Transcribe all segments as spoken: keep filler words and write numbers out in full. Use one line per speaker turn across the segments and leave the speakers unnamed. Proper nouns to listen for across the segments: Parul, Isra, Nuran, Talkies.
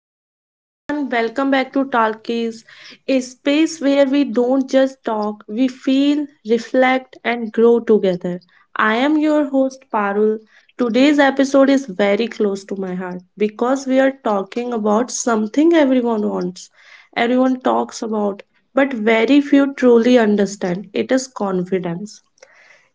Hello everyone, welcome back to Talkies, a space where we don't just talk, we feel, reflect, and grow together. I am your host Parul. Today's episode is very close to my heart because we are talking about something everyone wants, everyone talks about, but very few truly understand. It is confidence.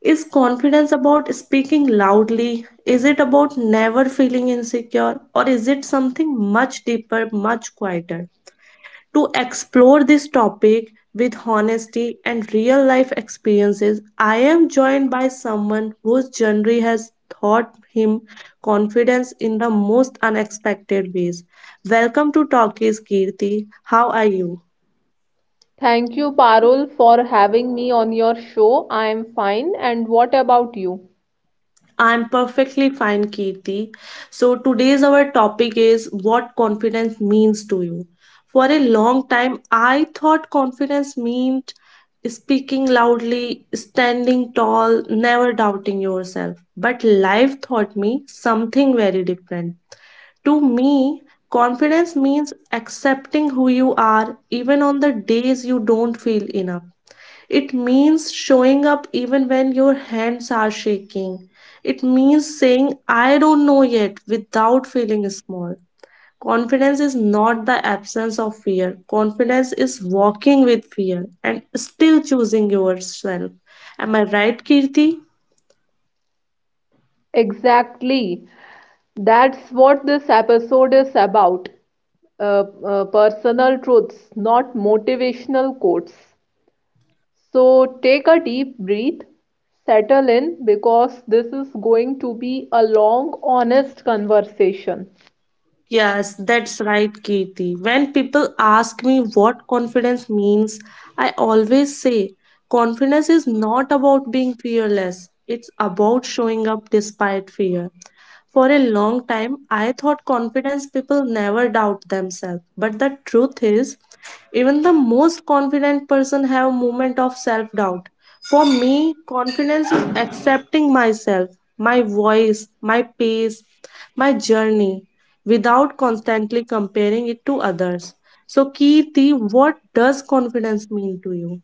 Is confidence about speaking loudly? Is it about never feeling insecure? Or is it something much deeper, much quieter? To explore this topic with honesty and real life experiences, I am joined by someone whose journey has taught him confidence in the most unexpected ways. Welcome to Talkies, Kirti. How are you?
Thank you, Parul, for having me on your show. I am fine. And what about you?
I'm perfectly fine, Kirti. So, today's our topic is what confidence means to you. For a long time, I thought confidence meant speaking loudly, standing tall, never doubting yourself. But life taught me something very different. To me, confidence means accepting who you are even on the days you don't feel enough. It means showing up even when your hands are shaking. It means saying, I don't know yet, without feeling small. Confidence is not the absence of fear. Confidence is walking with fear and still choosing yourself. Am I right, Kirti?
Exactly. That's what this episode is about. Uh, uh, personal truths, not motivational quotes. So take a deep breath, settle in, because this is going to be a long, honest conversation.
Yes, that's right, Kirti. When people ask me what confidence means, I always say confidence is not about being fearless, it's about showing up despite fear. For a long time, I thought confidence people never doubt themselves. But the truth is, even the most confident person have a moment of self doubt. For me, confidence is accepting myself, my voice, my pace, my journey, without constantly comparing it to others. So Kirti, what does confidence mean to you?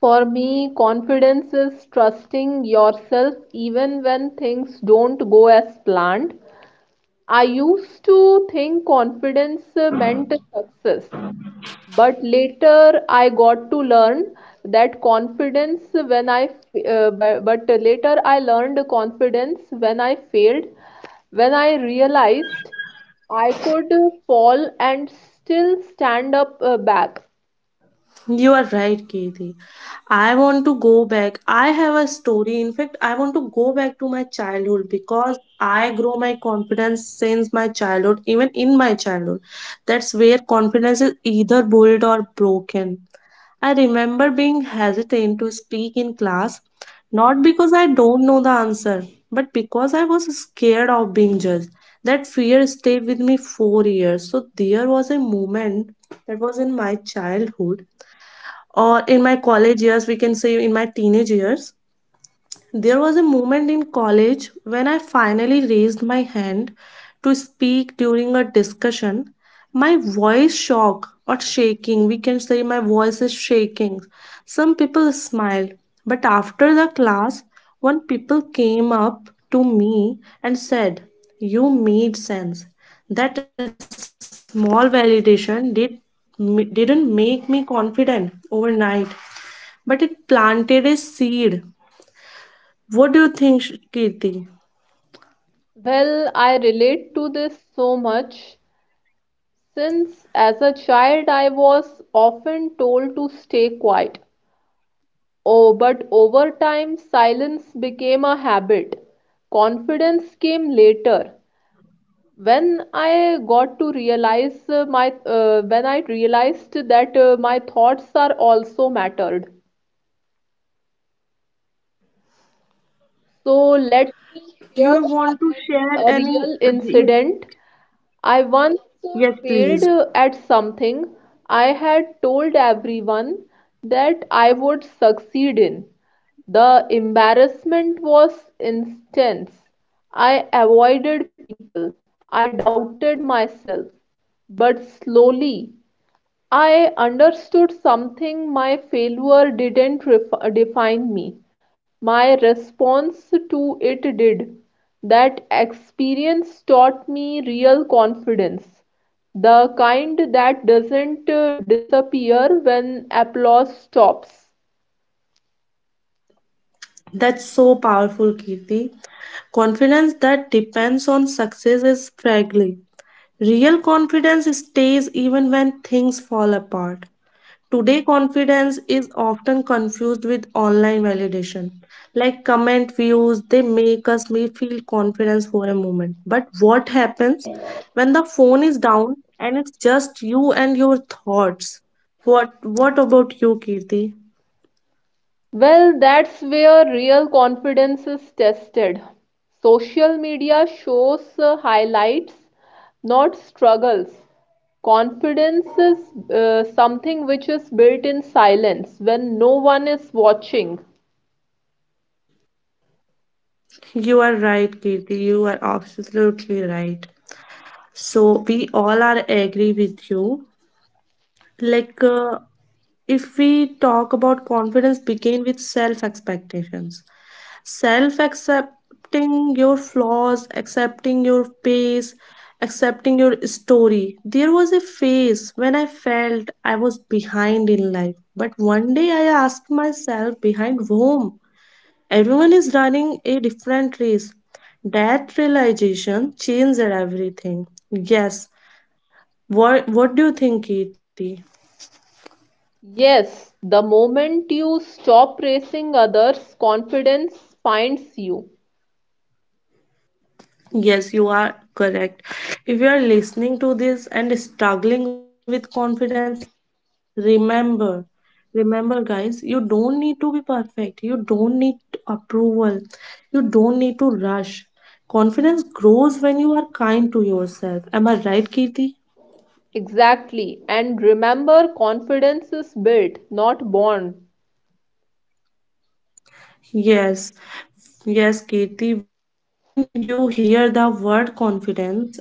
For me, confidence is trusting yourself even when things don't go as planned. I used to think confidence uh, meant success, but later I got to learn that confidence when I f- uh, bu- but later I learned confidence when I failed, when I realized I could fall and still stand up uh, back.
You are right, Kethi. I want to go back. I have a story. In fact, I want to go back to my childhood because I grow my confidence since my childhood, even in my childhood. That's where confidence is either built or broken. I remember being hesitant to speak in class, not because I don't know the answer, but because I was scared of being judged. That fear stayed with me four years. So there was a moment that was in my childhood, or in my college years, we can say in my teenage years, there was a moment in college when I finally raised my hand to speak during a discussion. My voice shock or shaking, we can say my voice is shaking. Some people smiled, but after the class, one people came up to me and said, "You made sense." That small validation did didn't make me confident overnight, but it planted a seed. What do you think, Sh- Kirti?
Well, I relate to this so much since as a child I was often told to stay quiet. Oh, but over time, silence became a habit. Confidence came later. When I got to realize uh, my, uh, when I realized that uh, my thoughts are also mattered. So
Do
let
you
me
want to
share
share any?
a, a real incident. I once
Yes, please.
failed at something I had told everyone that I would succeed in. The embarrassment was intense. I avoided people. I doubted myself. But slowly, I understood something. My failure didn't ref- define me. My response to it did. That experience taught me real confidence, the kind that doesn't uh, disappear when applause stops.
That's so powerful, Kirti. Confidence that depends on success is fragile. Real confidence stays even when things fall apart. Today, confidence is often confused with online validation. Like comment views, they make us may feel confidence for a moment. But what happens when the phone is down and it's just you and your thoughts? What What about you, Kirti?
Well, that's where real confidence is tested. Social media shows uh, highlights, not struggles. Confidence is uh, something which is built in silence when no one is watching.
You are right, Kirti. You are absolutely right. So we all are agree with you. Like uh, if we talk about confidence, begin with self expectations, self accepting your flaws, accepting your pace, accepting your story. There was a phase when I felt I was behind in life, but one day I asked myself behind whom? Everyone is running a different race. That realization changed everything. Yes. What, what do you think, Katie?
Yes, the moment you stop racing others, confidence finds you.
Yes, you are correct. If you are listening to this and struggling with confidence, remember, remember, guys, you don't need to be perfect. You don't need approval. You don't need to rush. Confidence grows when you are kind to yourself. Am I right, Kirti?
Exactly. And remember, confidence is built, not born.
Yes, yes, Kirti. When you hear the word confidence,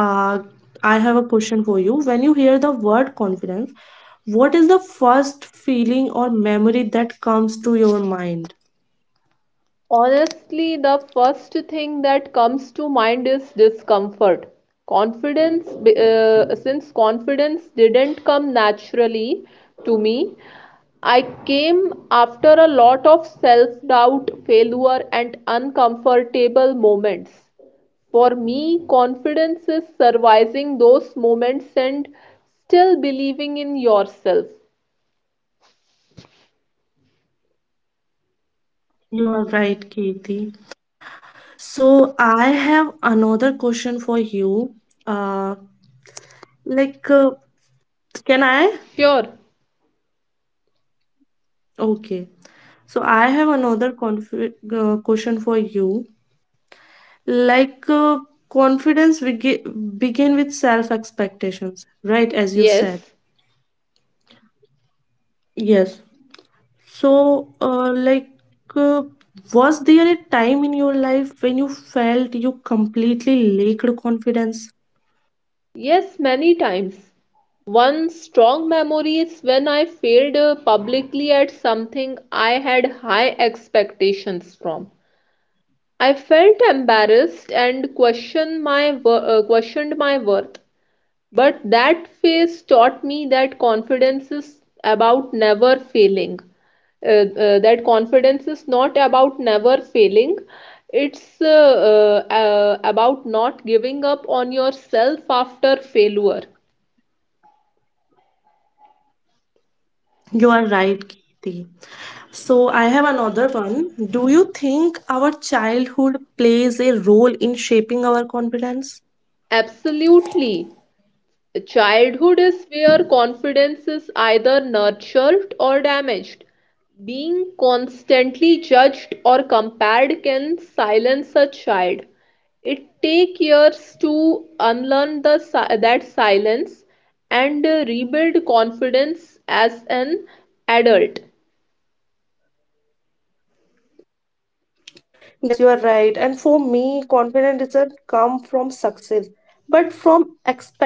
Uh, I have a question for you. When you hear the word confidence, what is the first feeling or memory that comes to your mind?
Honestly, the first thing that comes to mind is discomfort. Confidence, b- uh, since confidence didn't come naturally to me, I came after a lot of self doubt, failure, and uncomfortable moments. For me, confidence is surviving those moments and still believing in yourself.
You are right, Kirti. So I have another question for you. Uh, like, uh, can I?
Sure,
Okay. So I have another confi- uh, question for you. Like, uh, confidence begi- begin with self expectations, right? As you said.
yes,
Yes. So, uh, like, uh, was there a time in your life when you felt you completely lacked confidence?
yes, many times. One strong memory is when I failed uh, publicly at something I had high expectations from. I felt embarrassed and questioned my wor- uh, questioned my worth. But that phase taught me that confidence is about never failing. Uh, uh, that confidence is not about never failing. It's uh, uh, uh, about not giving up on yourself after failure.
You are right, Kirti. So, I have another one. Do you think our childhood plays a role in shaping our confidence?
Absolutely. Childhood is where confidence is either nurtured or damaged. Being constantly judged or compared can silence a child. It takes years to unlearn the, si- that silence and uh, rebuild confidence as an adult.
Yes, you are right. And for me, confidence doesn't come from success, but from expectance.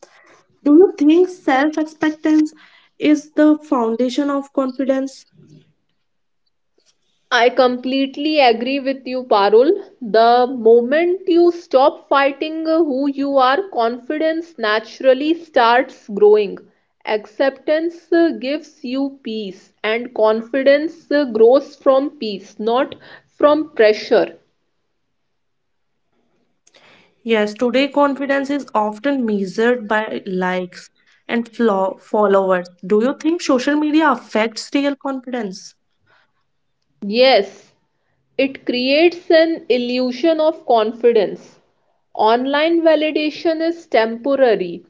Do you think self-expectance is the foundation of confidence?
I completely agree with you, Parul. The moment you stop fighting who you are, confidence naturally starts growing. Acceptance uh, gives you peace, and confidence uh, grows from peace, not from pressure.
Yes, today confidence is often measured by likes and flaw followers. Do you think social media affects real confidence?
Yes, it creates an illusion of confidence. Online validation is temporary.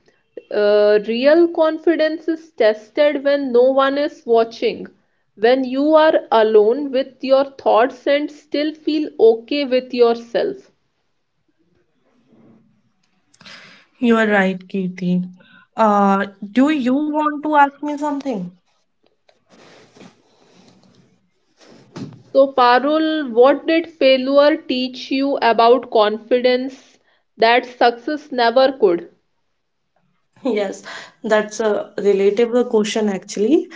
Uh, real confidence is tested when no one is watching, when you are alone with your thoughts and still feel okay with yourself.
You are right, Kirti. Uh, do you want to ask me something?
So, Parul, what did failure teach you about confidence that success never could?
Yes, that's a relatable question actually.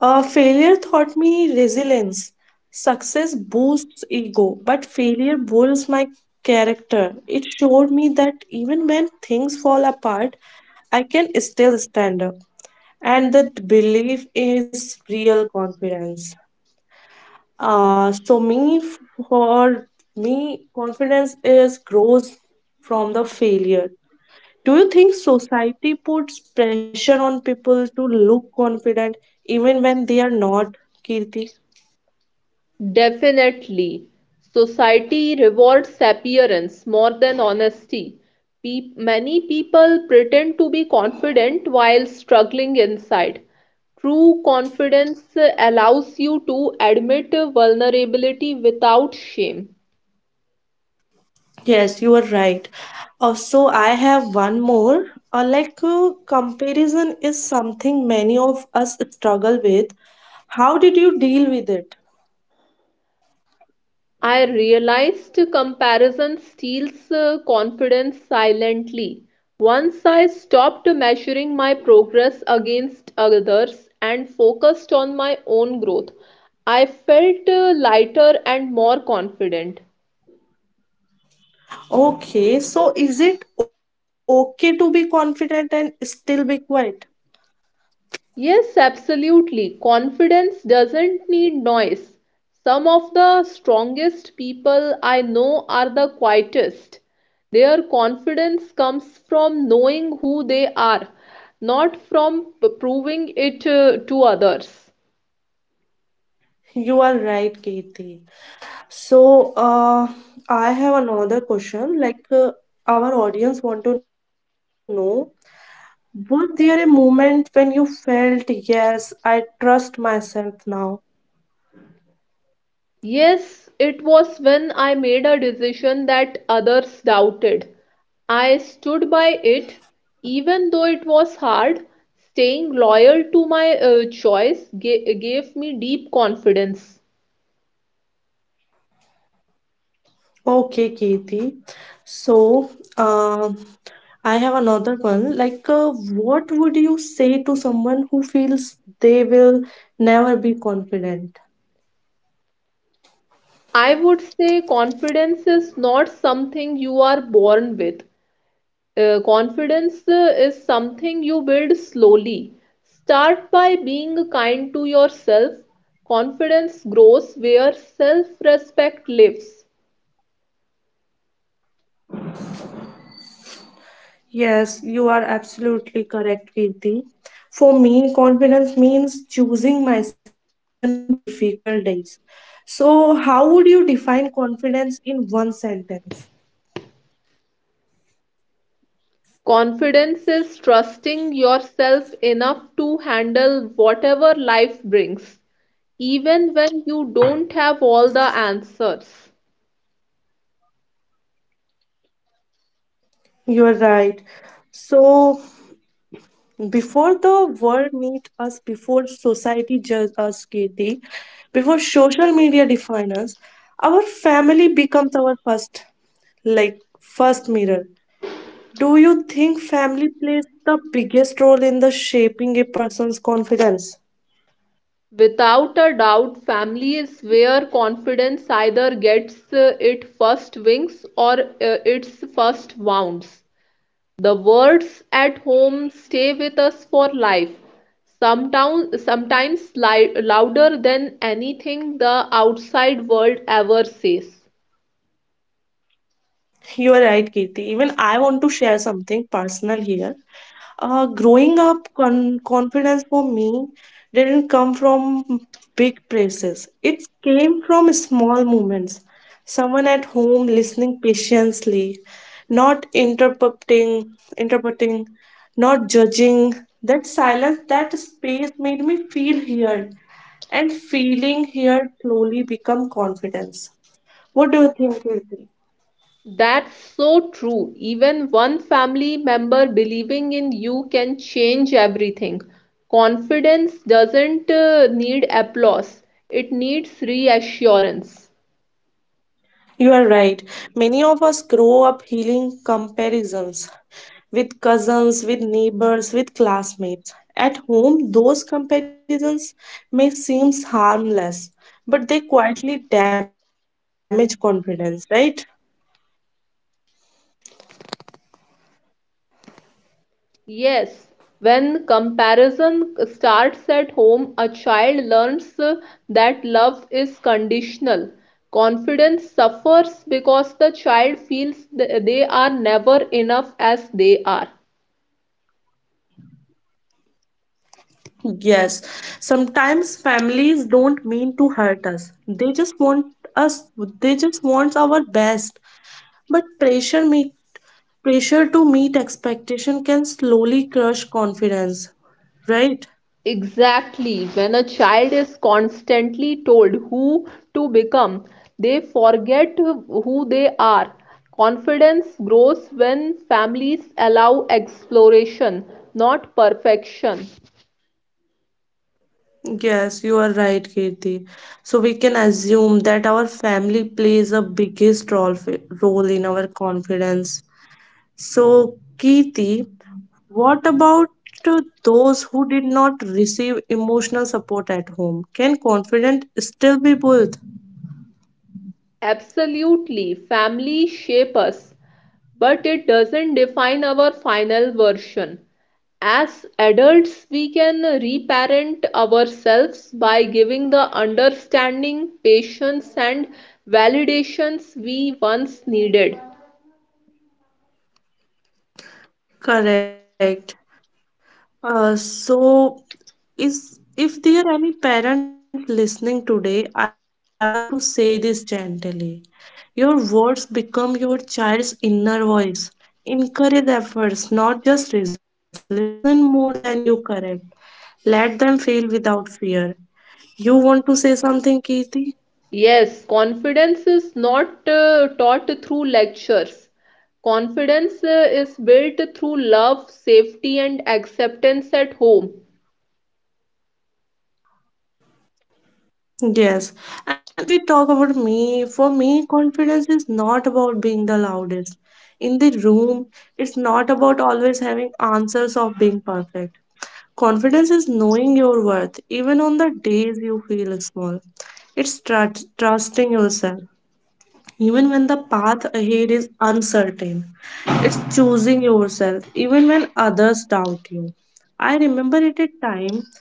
Uh, failure taught me resilience. Success boosts ego, but failure builds my character. It showed me that even when things fall apart, I can still stand up. And that belief is real confidence. Uh, so me for me, confidence is grows from the failure. Do you think society puts pressure on people to look confident even when they are not, Kirti?
Definitely. Society rewards appearance more than honesty. Pe- many people pretend to be confident while struggling inside. True confidence allows you to admit vulnerability without shame.
Yes, you are right. Also, I have one more. Uh, like uh, comparison is something many of us struggle with. How did you deal with it?
I realized comparison steals uh, confidence silently. Once I stopped measuring my progress against others and focused on my own growth, I felt uh, lighter and more confident.
Okay, so is it okay to be confident and still be quiet?
Yes, absolutely. Confidence doesn't need noise. Some of the strongest people I know are the quietest. Their confidence comes from knowing who they are, not from p- proving it uh, to others.
You are right, Kirti. So, uh, I have another question. Like, uh, our audience want to know, was there a moment when you felt, yes, I trust myself now?
Yes, it was when I made a decision that others doubted. I stood by it, even though it was hard. Staying loyal to my uh, choice ga- gave me deep confidence.
Okay, Kirti. So, um, I have another one. Like, uh, what would you say to someone who feels they will never be confident?
I would say confidence is not something you are born with. Uh, confidence uh, is something you build slowly. Start by being kind to yourself. Confidence grows where self respect lives.
Yes, you are absolutely correct, Kirti. For me, confidence means choosing myself, even on difficult days. So, how would you define confidence in one sentence?
Confidence is trusting yourself enough to handle whatever life brings, even when you don't have all the answers.
You're right. So, before the world meet us, before society judge us, Kirti, before social media define us, our family becomes our first, like first mirror. Do you think family plays the biggest role in the shaping a person's confidence?
Without a doubt, family is where confidence either gets uh, its first wings or uh, its first wounds. The words at home stay with us for life, sometimes, sometimes li- louder than anything the outside world ever says.
You are right, Kirti. Even I want to share something personal here. Uh, growing up, con- confidence for me didn't come from big praises. It came from small moments. Someone at home listening patiently, not interrupting, interpreting, not judging. That silence, that space made me feel heard, and feeling here slowly become confidence. What do you think, Kirti?
That's so true. Even one family member believing in you can change everything. Confidence doesn't uh, need applause, it needs reassurance.
You are right. Many of us grow up healing comparisons with cousins, with neighbors, with classmates. At home, those comparisons may seem harmless, but they quietly damage confidence, right?
Yes, when comparison starts at home, a child learns uh, that love is conditional. Confidence suffers because the child feels th- they are never enough as they are.
Yes, sometimes families don't mean to hurt us. They just want us, they just want our best. But pressure me pressure to meet expectation can slowly crush confidence, right?
Exactly. When a child is constantly told who to become, they forget who they are. Confidence grows when families allow exploration, not perfection.
Yes, you are right, Kirti. So we can assume that our family plays a biggest role role in our confidence. So, Kirti, what about to those who did not receive emotional support at home? Can confidence still be built?
Absolutely. Family shape us, but it doesn't define our final version. As adults, we can reparent ourselves by giving the understanding, patience, and validations we once needed.
Correct. Uh, so, is if there are any parent listening today, I want to say this gently. Your words become your child's inner voice. Encourage efforts, not just results. Listen more than you correct. Let them feel without fear. You want to say something, Kirti?
Yes, confidence is not uh, taught through lectures. Confidence uh, is built through love, safety, and acceptance at home.
Yes. And if we talk about me, for me, confidence is not about being the loudest in the room. It's not about always having answers of being perfect. Confidence is knowing your worth, even on the days you feel small. It's trust trusting yourself, even when the path ahead is uncertain. It's choosing yourself, even when others doubt you. I remember at a time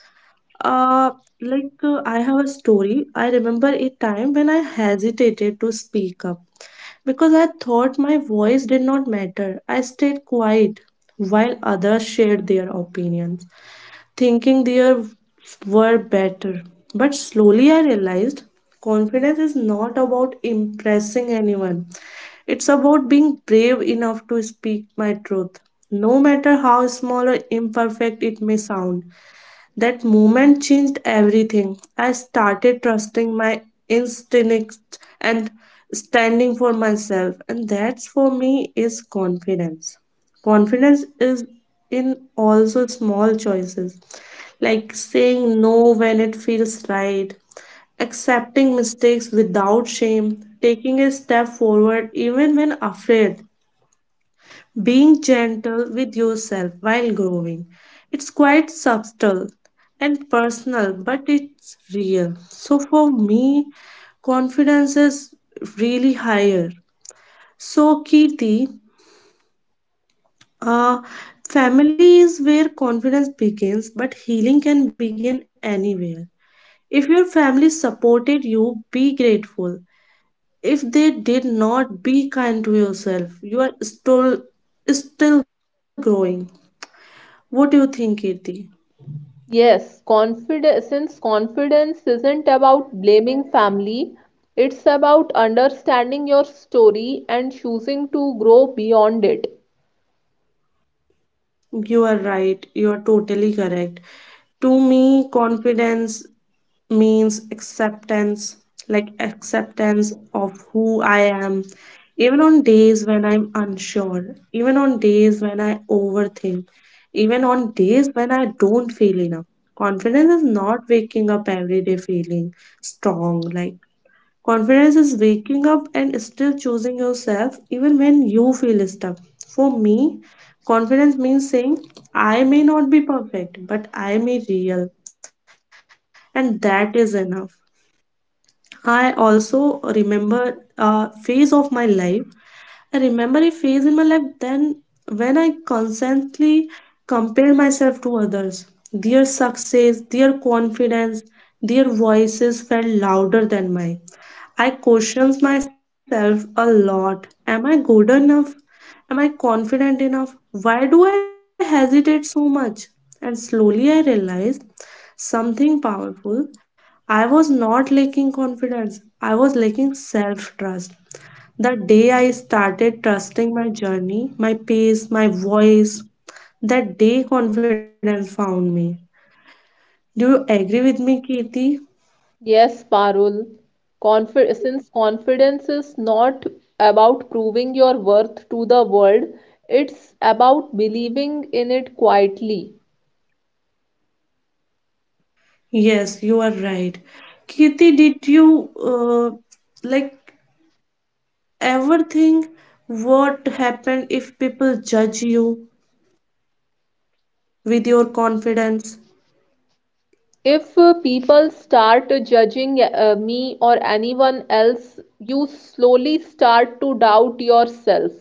uh, like uh, I have a story. I remember a time when I hesitated to speak up because I thought my voice did not matter. I stayed quiet while others shared their opinions, thinking their were better. But slowly I realized confidence is not about impressing anyone. It's about being brave enough to speak my truth, no matter how small or imperfect it may sound. That moment changed everything. I started trusting my instincts and standing for myself, and that's for me is confidence. Confidence is in also small choices like saying no when it feels right, accepting mistakes without shame, taking a step forward even when afraid. Being gentle with yourself while growing. It's quite subtle and personal, but it's real. So for me, confidence is really higher. So, Kirti, uh, family is where confidence begins, but healing can begin anywhere. If your family supported you, be grateful. If they did not, be kind to yourself. You are still still growing. What do you think, Kirti?
Yes, confidence. Since confidence isn't about blaming family, it's about understanding your story and choosing to grow beyond it.
You are right. You are totally correct. To me, confidence means acceptance, like acceptance of who I am, even on days when I'm unsure, even on days when I overthink, even on days when I don't feel enough. Confidence is not waking up every day feeling strong, like. Confidence is waking up and still choosing yourself even when you feel stuck. For me, confidence means saying, I may not be perfect, but I may real. And that is enough. I also remember a phase of my life. I remember a phase in my life then when I constantly compared myself to others. Their success, their confidence, their voices felt louder than mine. I questions myself a lot. Am I good enough? Am I confident enough? Why do I hesitate so much? And slowly I realized something powerful. I was not lacking confidence, I was lacking self trust. The day I started trusting my journey, my pace, my voice, that day confidence found me. Do you agree with me, Kirti?
Yes, Parul, confi since confidence is not about proving your worth to the world, it's about believing in it quietly.
Yes, you are right. Kirti, did you uh, like ever think what happened if people judge you with your confidence?
If uh, people start judging uh, me or anyone else, you slowly start to doubt yourself.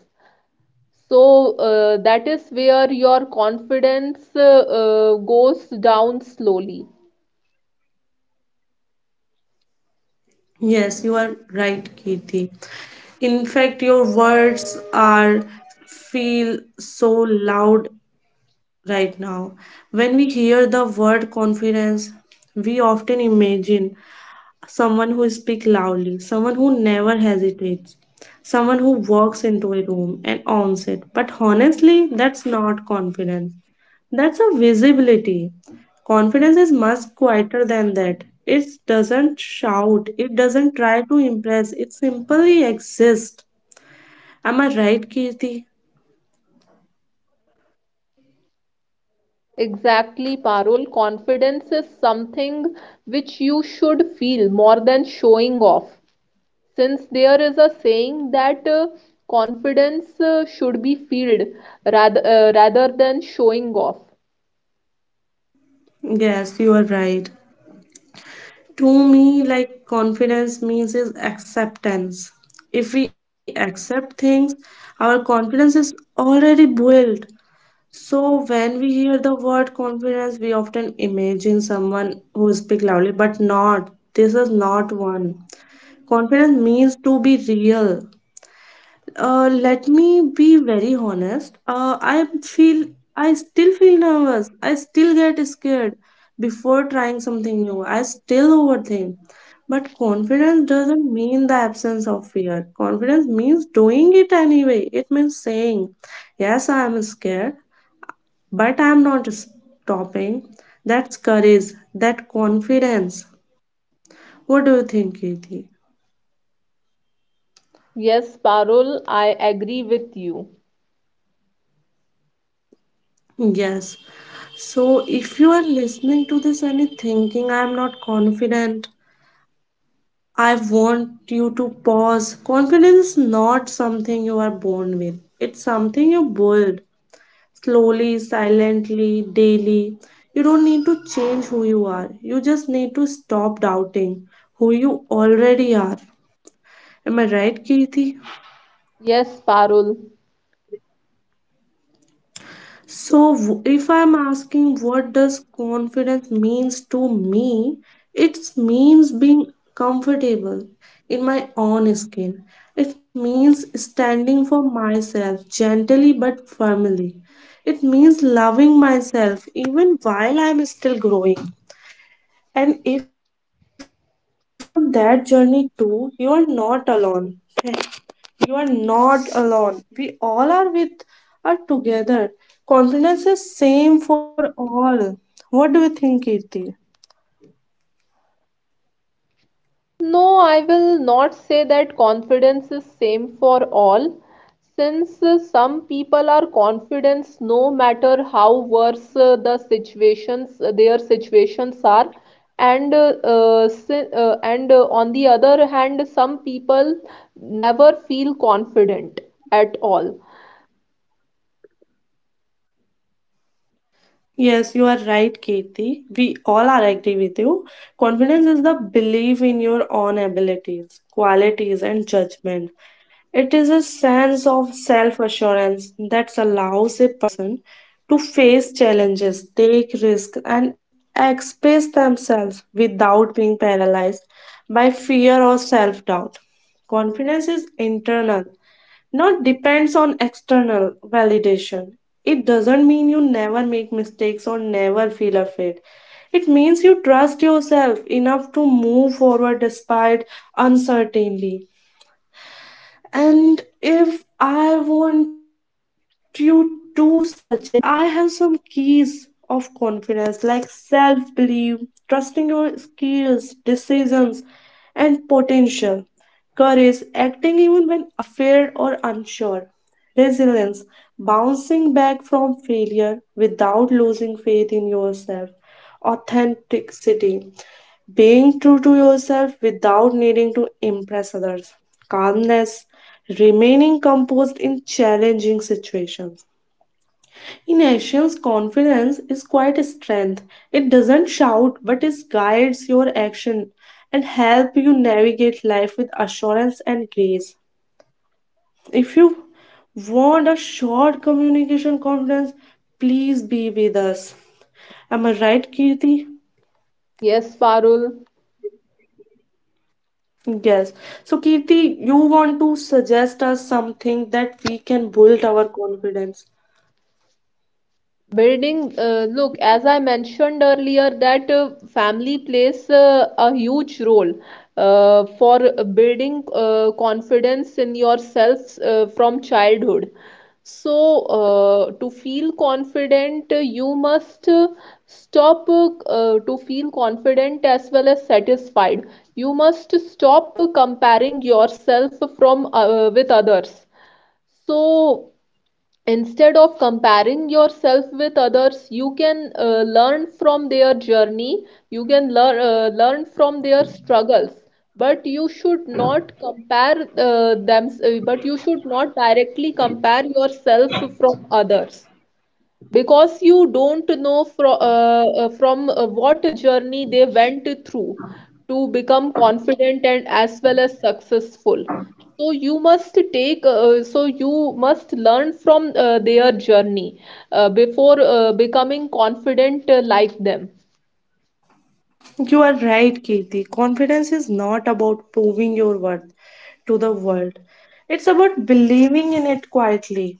So uh, that is where your confidence uh, uh, goes down slowly.
Yes, you are right, Kirti. In fact, your words are feel so loud right now. When we hear the word confidence, we often imagine someone who speaks loudly, someone who never hesitates, someone who walks into a room and owns it. But honestly, that's not confidence. That's a visibility. Confidence is much quieter than that. It doesn't shout, it doesn't try to impress, it simply exists. Am I right, Kirti?
Exactly, Parul. Confidence is something which you should feel more than showing off. Since there is a saying that uh, confidence uh, should be felt rather, uh, rather than showing off.
Yes, you are right. To me like confidence means is acceptance. If we accept things our confidence is already built. So when we hear the word confidence we often imagine someone who speak loudly but not this is not one. Confidence means to be real. Uh, let me be very honest. Uh, I feel I still feel nervous. I still get scared before trying something new. I still overthink. But confidence doesn't mean the absence of fear. Confidence means doing it anyway. It means saying, "Yes, I am scared, but I am not stopping." That's courage. That confidence. What do you think, Keith?
Yes, Parul, I agree with you.
Yes. So if you are listening to this and you're thinking I am not confident, I want you to pause. Confidence is not something you are born with. It's something you build slowly, silently, daily. You don't need to change who you are. You just need to stop doubting who you already are. Am I right, Kirti?
Yes, Parul.
So w- if I'm asking what does confidence means to me, it means being comfortable in my own skin. It means standing for myself gently but firmly. It means loving myself even while I'm still growing. And if you are on that journey too, you are not alone. You are not alone. We all are with are together. Confidence is same for all. What do you think, Kirti?
No, I will not say that confidence is same for all since uh, some people are confident no matter how worse uh, the situations uh, their situations are and uh, uh, si- uh, and uh, on the other hand some people never feel confident at all.
Yes, you are right, Kirti. We all are agree with you. Confidence is the belief in your own abilities, qualities, and judgment. It is a sense of self assurance that allows a person to face challenges, take risks, and express themselves without being paralyzed by fear or self doubt. Confidence is internal not depends on external validation. It doesn't mean you never make mistakes or never feel afraid. It means you trust yourself enough to move forward despite uncertainty. And if I want you to suggest, I have some keys of confidence like self belief, trusting your skills, decisions, and potential, courage, acting even when afraid or unsure, resilience, bouncing back from failure without losing faith in yourself, authenticity being true to yourself without needing to impress others, calmness, remaining composed in challenging situations. In Asians, confidence is quite a strength. It doesn't shout, but it guides your action and help you navigate life with assurance and grace. If you want a short communication confidence, please be with us. Am I right, Kirti?
Yes, Parul.
Yes. So, Kirti, you want to suggest us something that we can build our confidence.
Building, uh, look, as I mentioned earlier, that uh, family plays uh, a huge role uh, for building uh, confidence in yourself uh, from childhood. So, uh, to feel confident, uh, you must uh, stop uh, uh, to feel confident as well as satisfied. You must stop uh, comparing yourself from uh, with others. So, instead of comparing yourself with others, you can uh, learn from their journey, you can learn uh, learn from their struggles, but you should not compare uh, them, uh, but you should not directly compare yourself from others because you don't know from uh, uh, from uh, what journey they went through to become confident and as well as successful. So you must take uh, so you must learn from uh, their journey uh, before uh, becoming confident uh, like them.
You are right, Kirti. Confidence is not about proving your worth to the world, it's about believing in it quietly.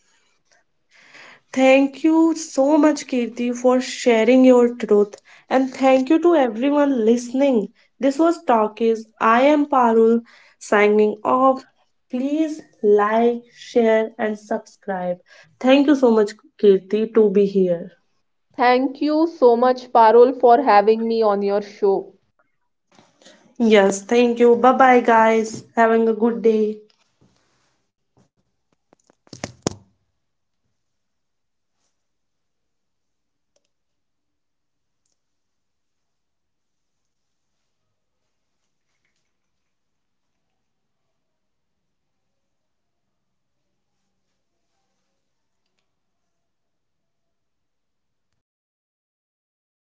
Thank you so much, Kirti, for sharing your truth. And thank you to everyone listening. This was Talkies. I am Parul signing off. Please like, share, and subscribe. Thank you so much, Kirti, to be here.
Thank you so much, Parul, for having me on your show.
Yes, thank you. Bye bye, guys. Having a good day.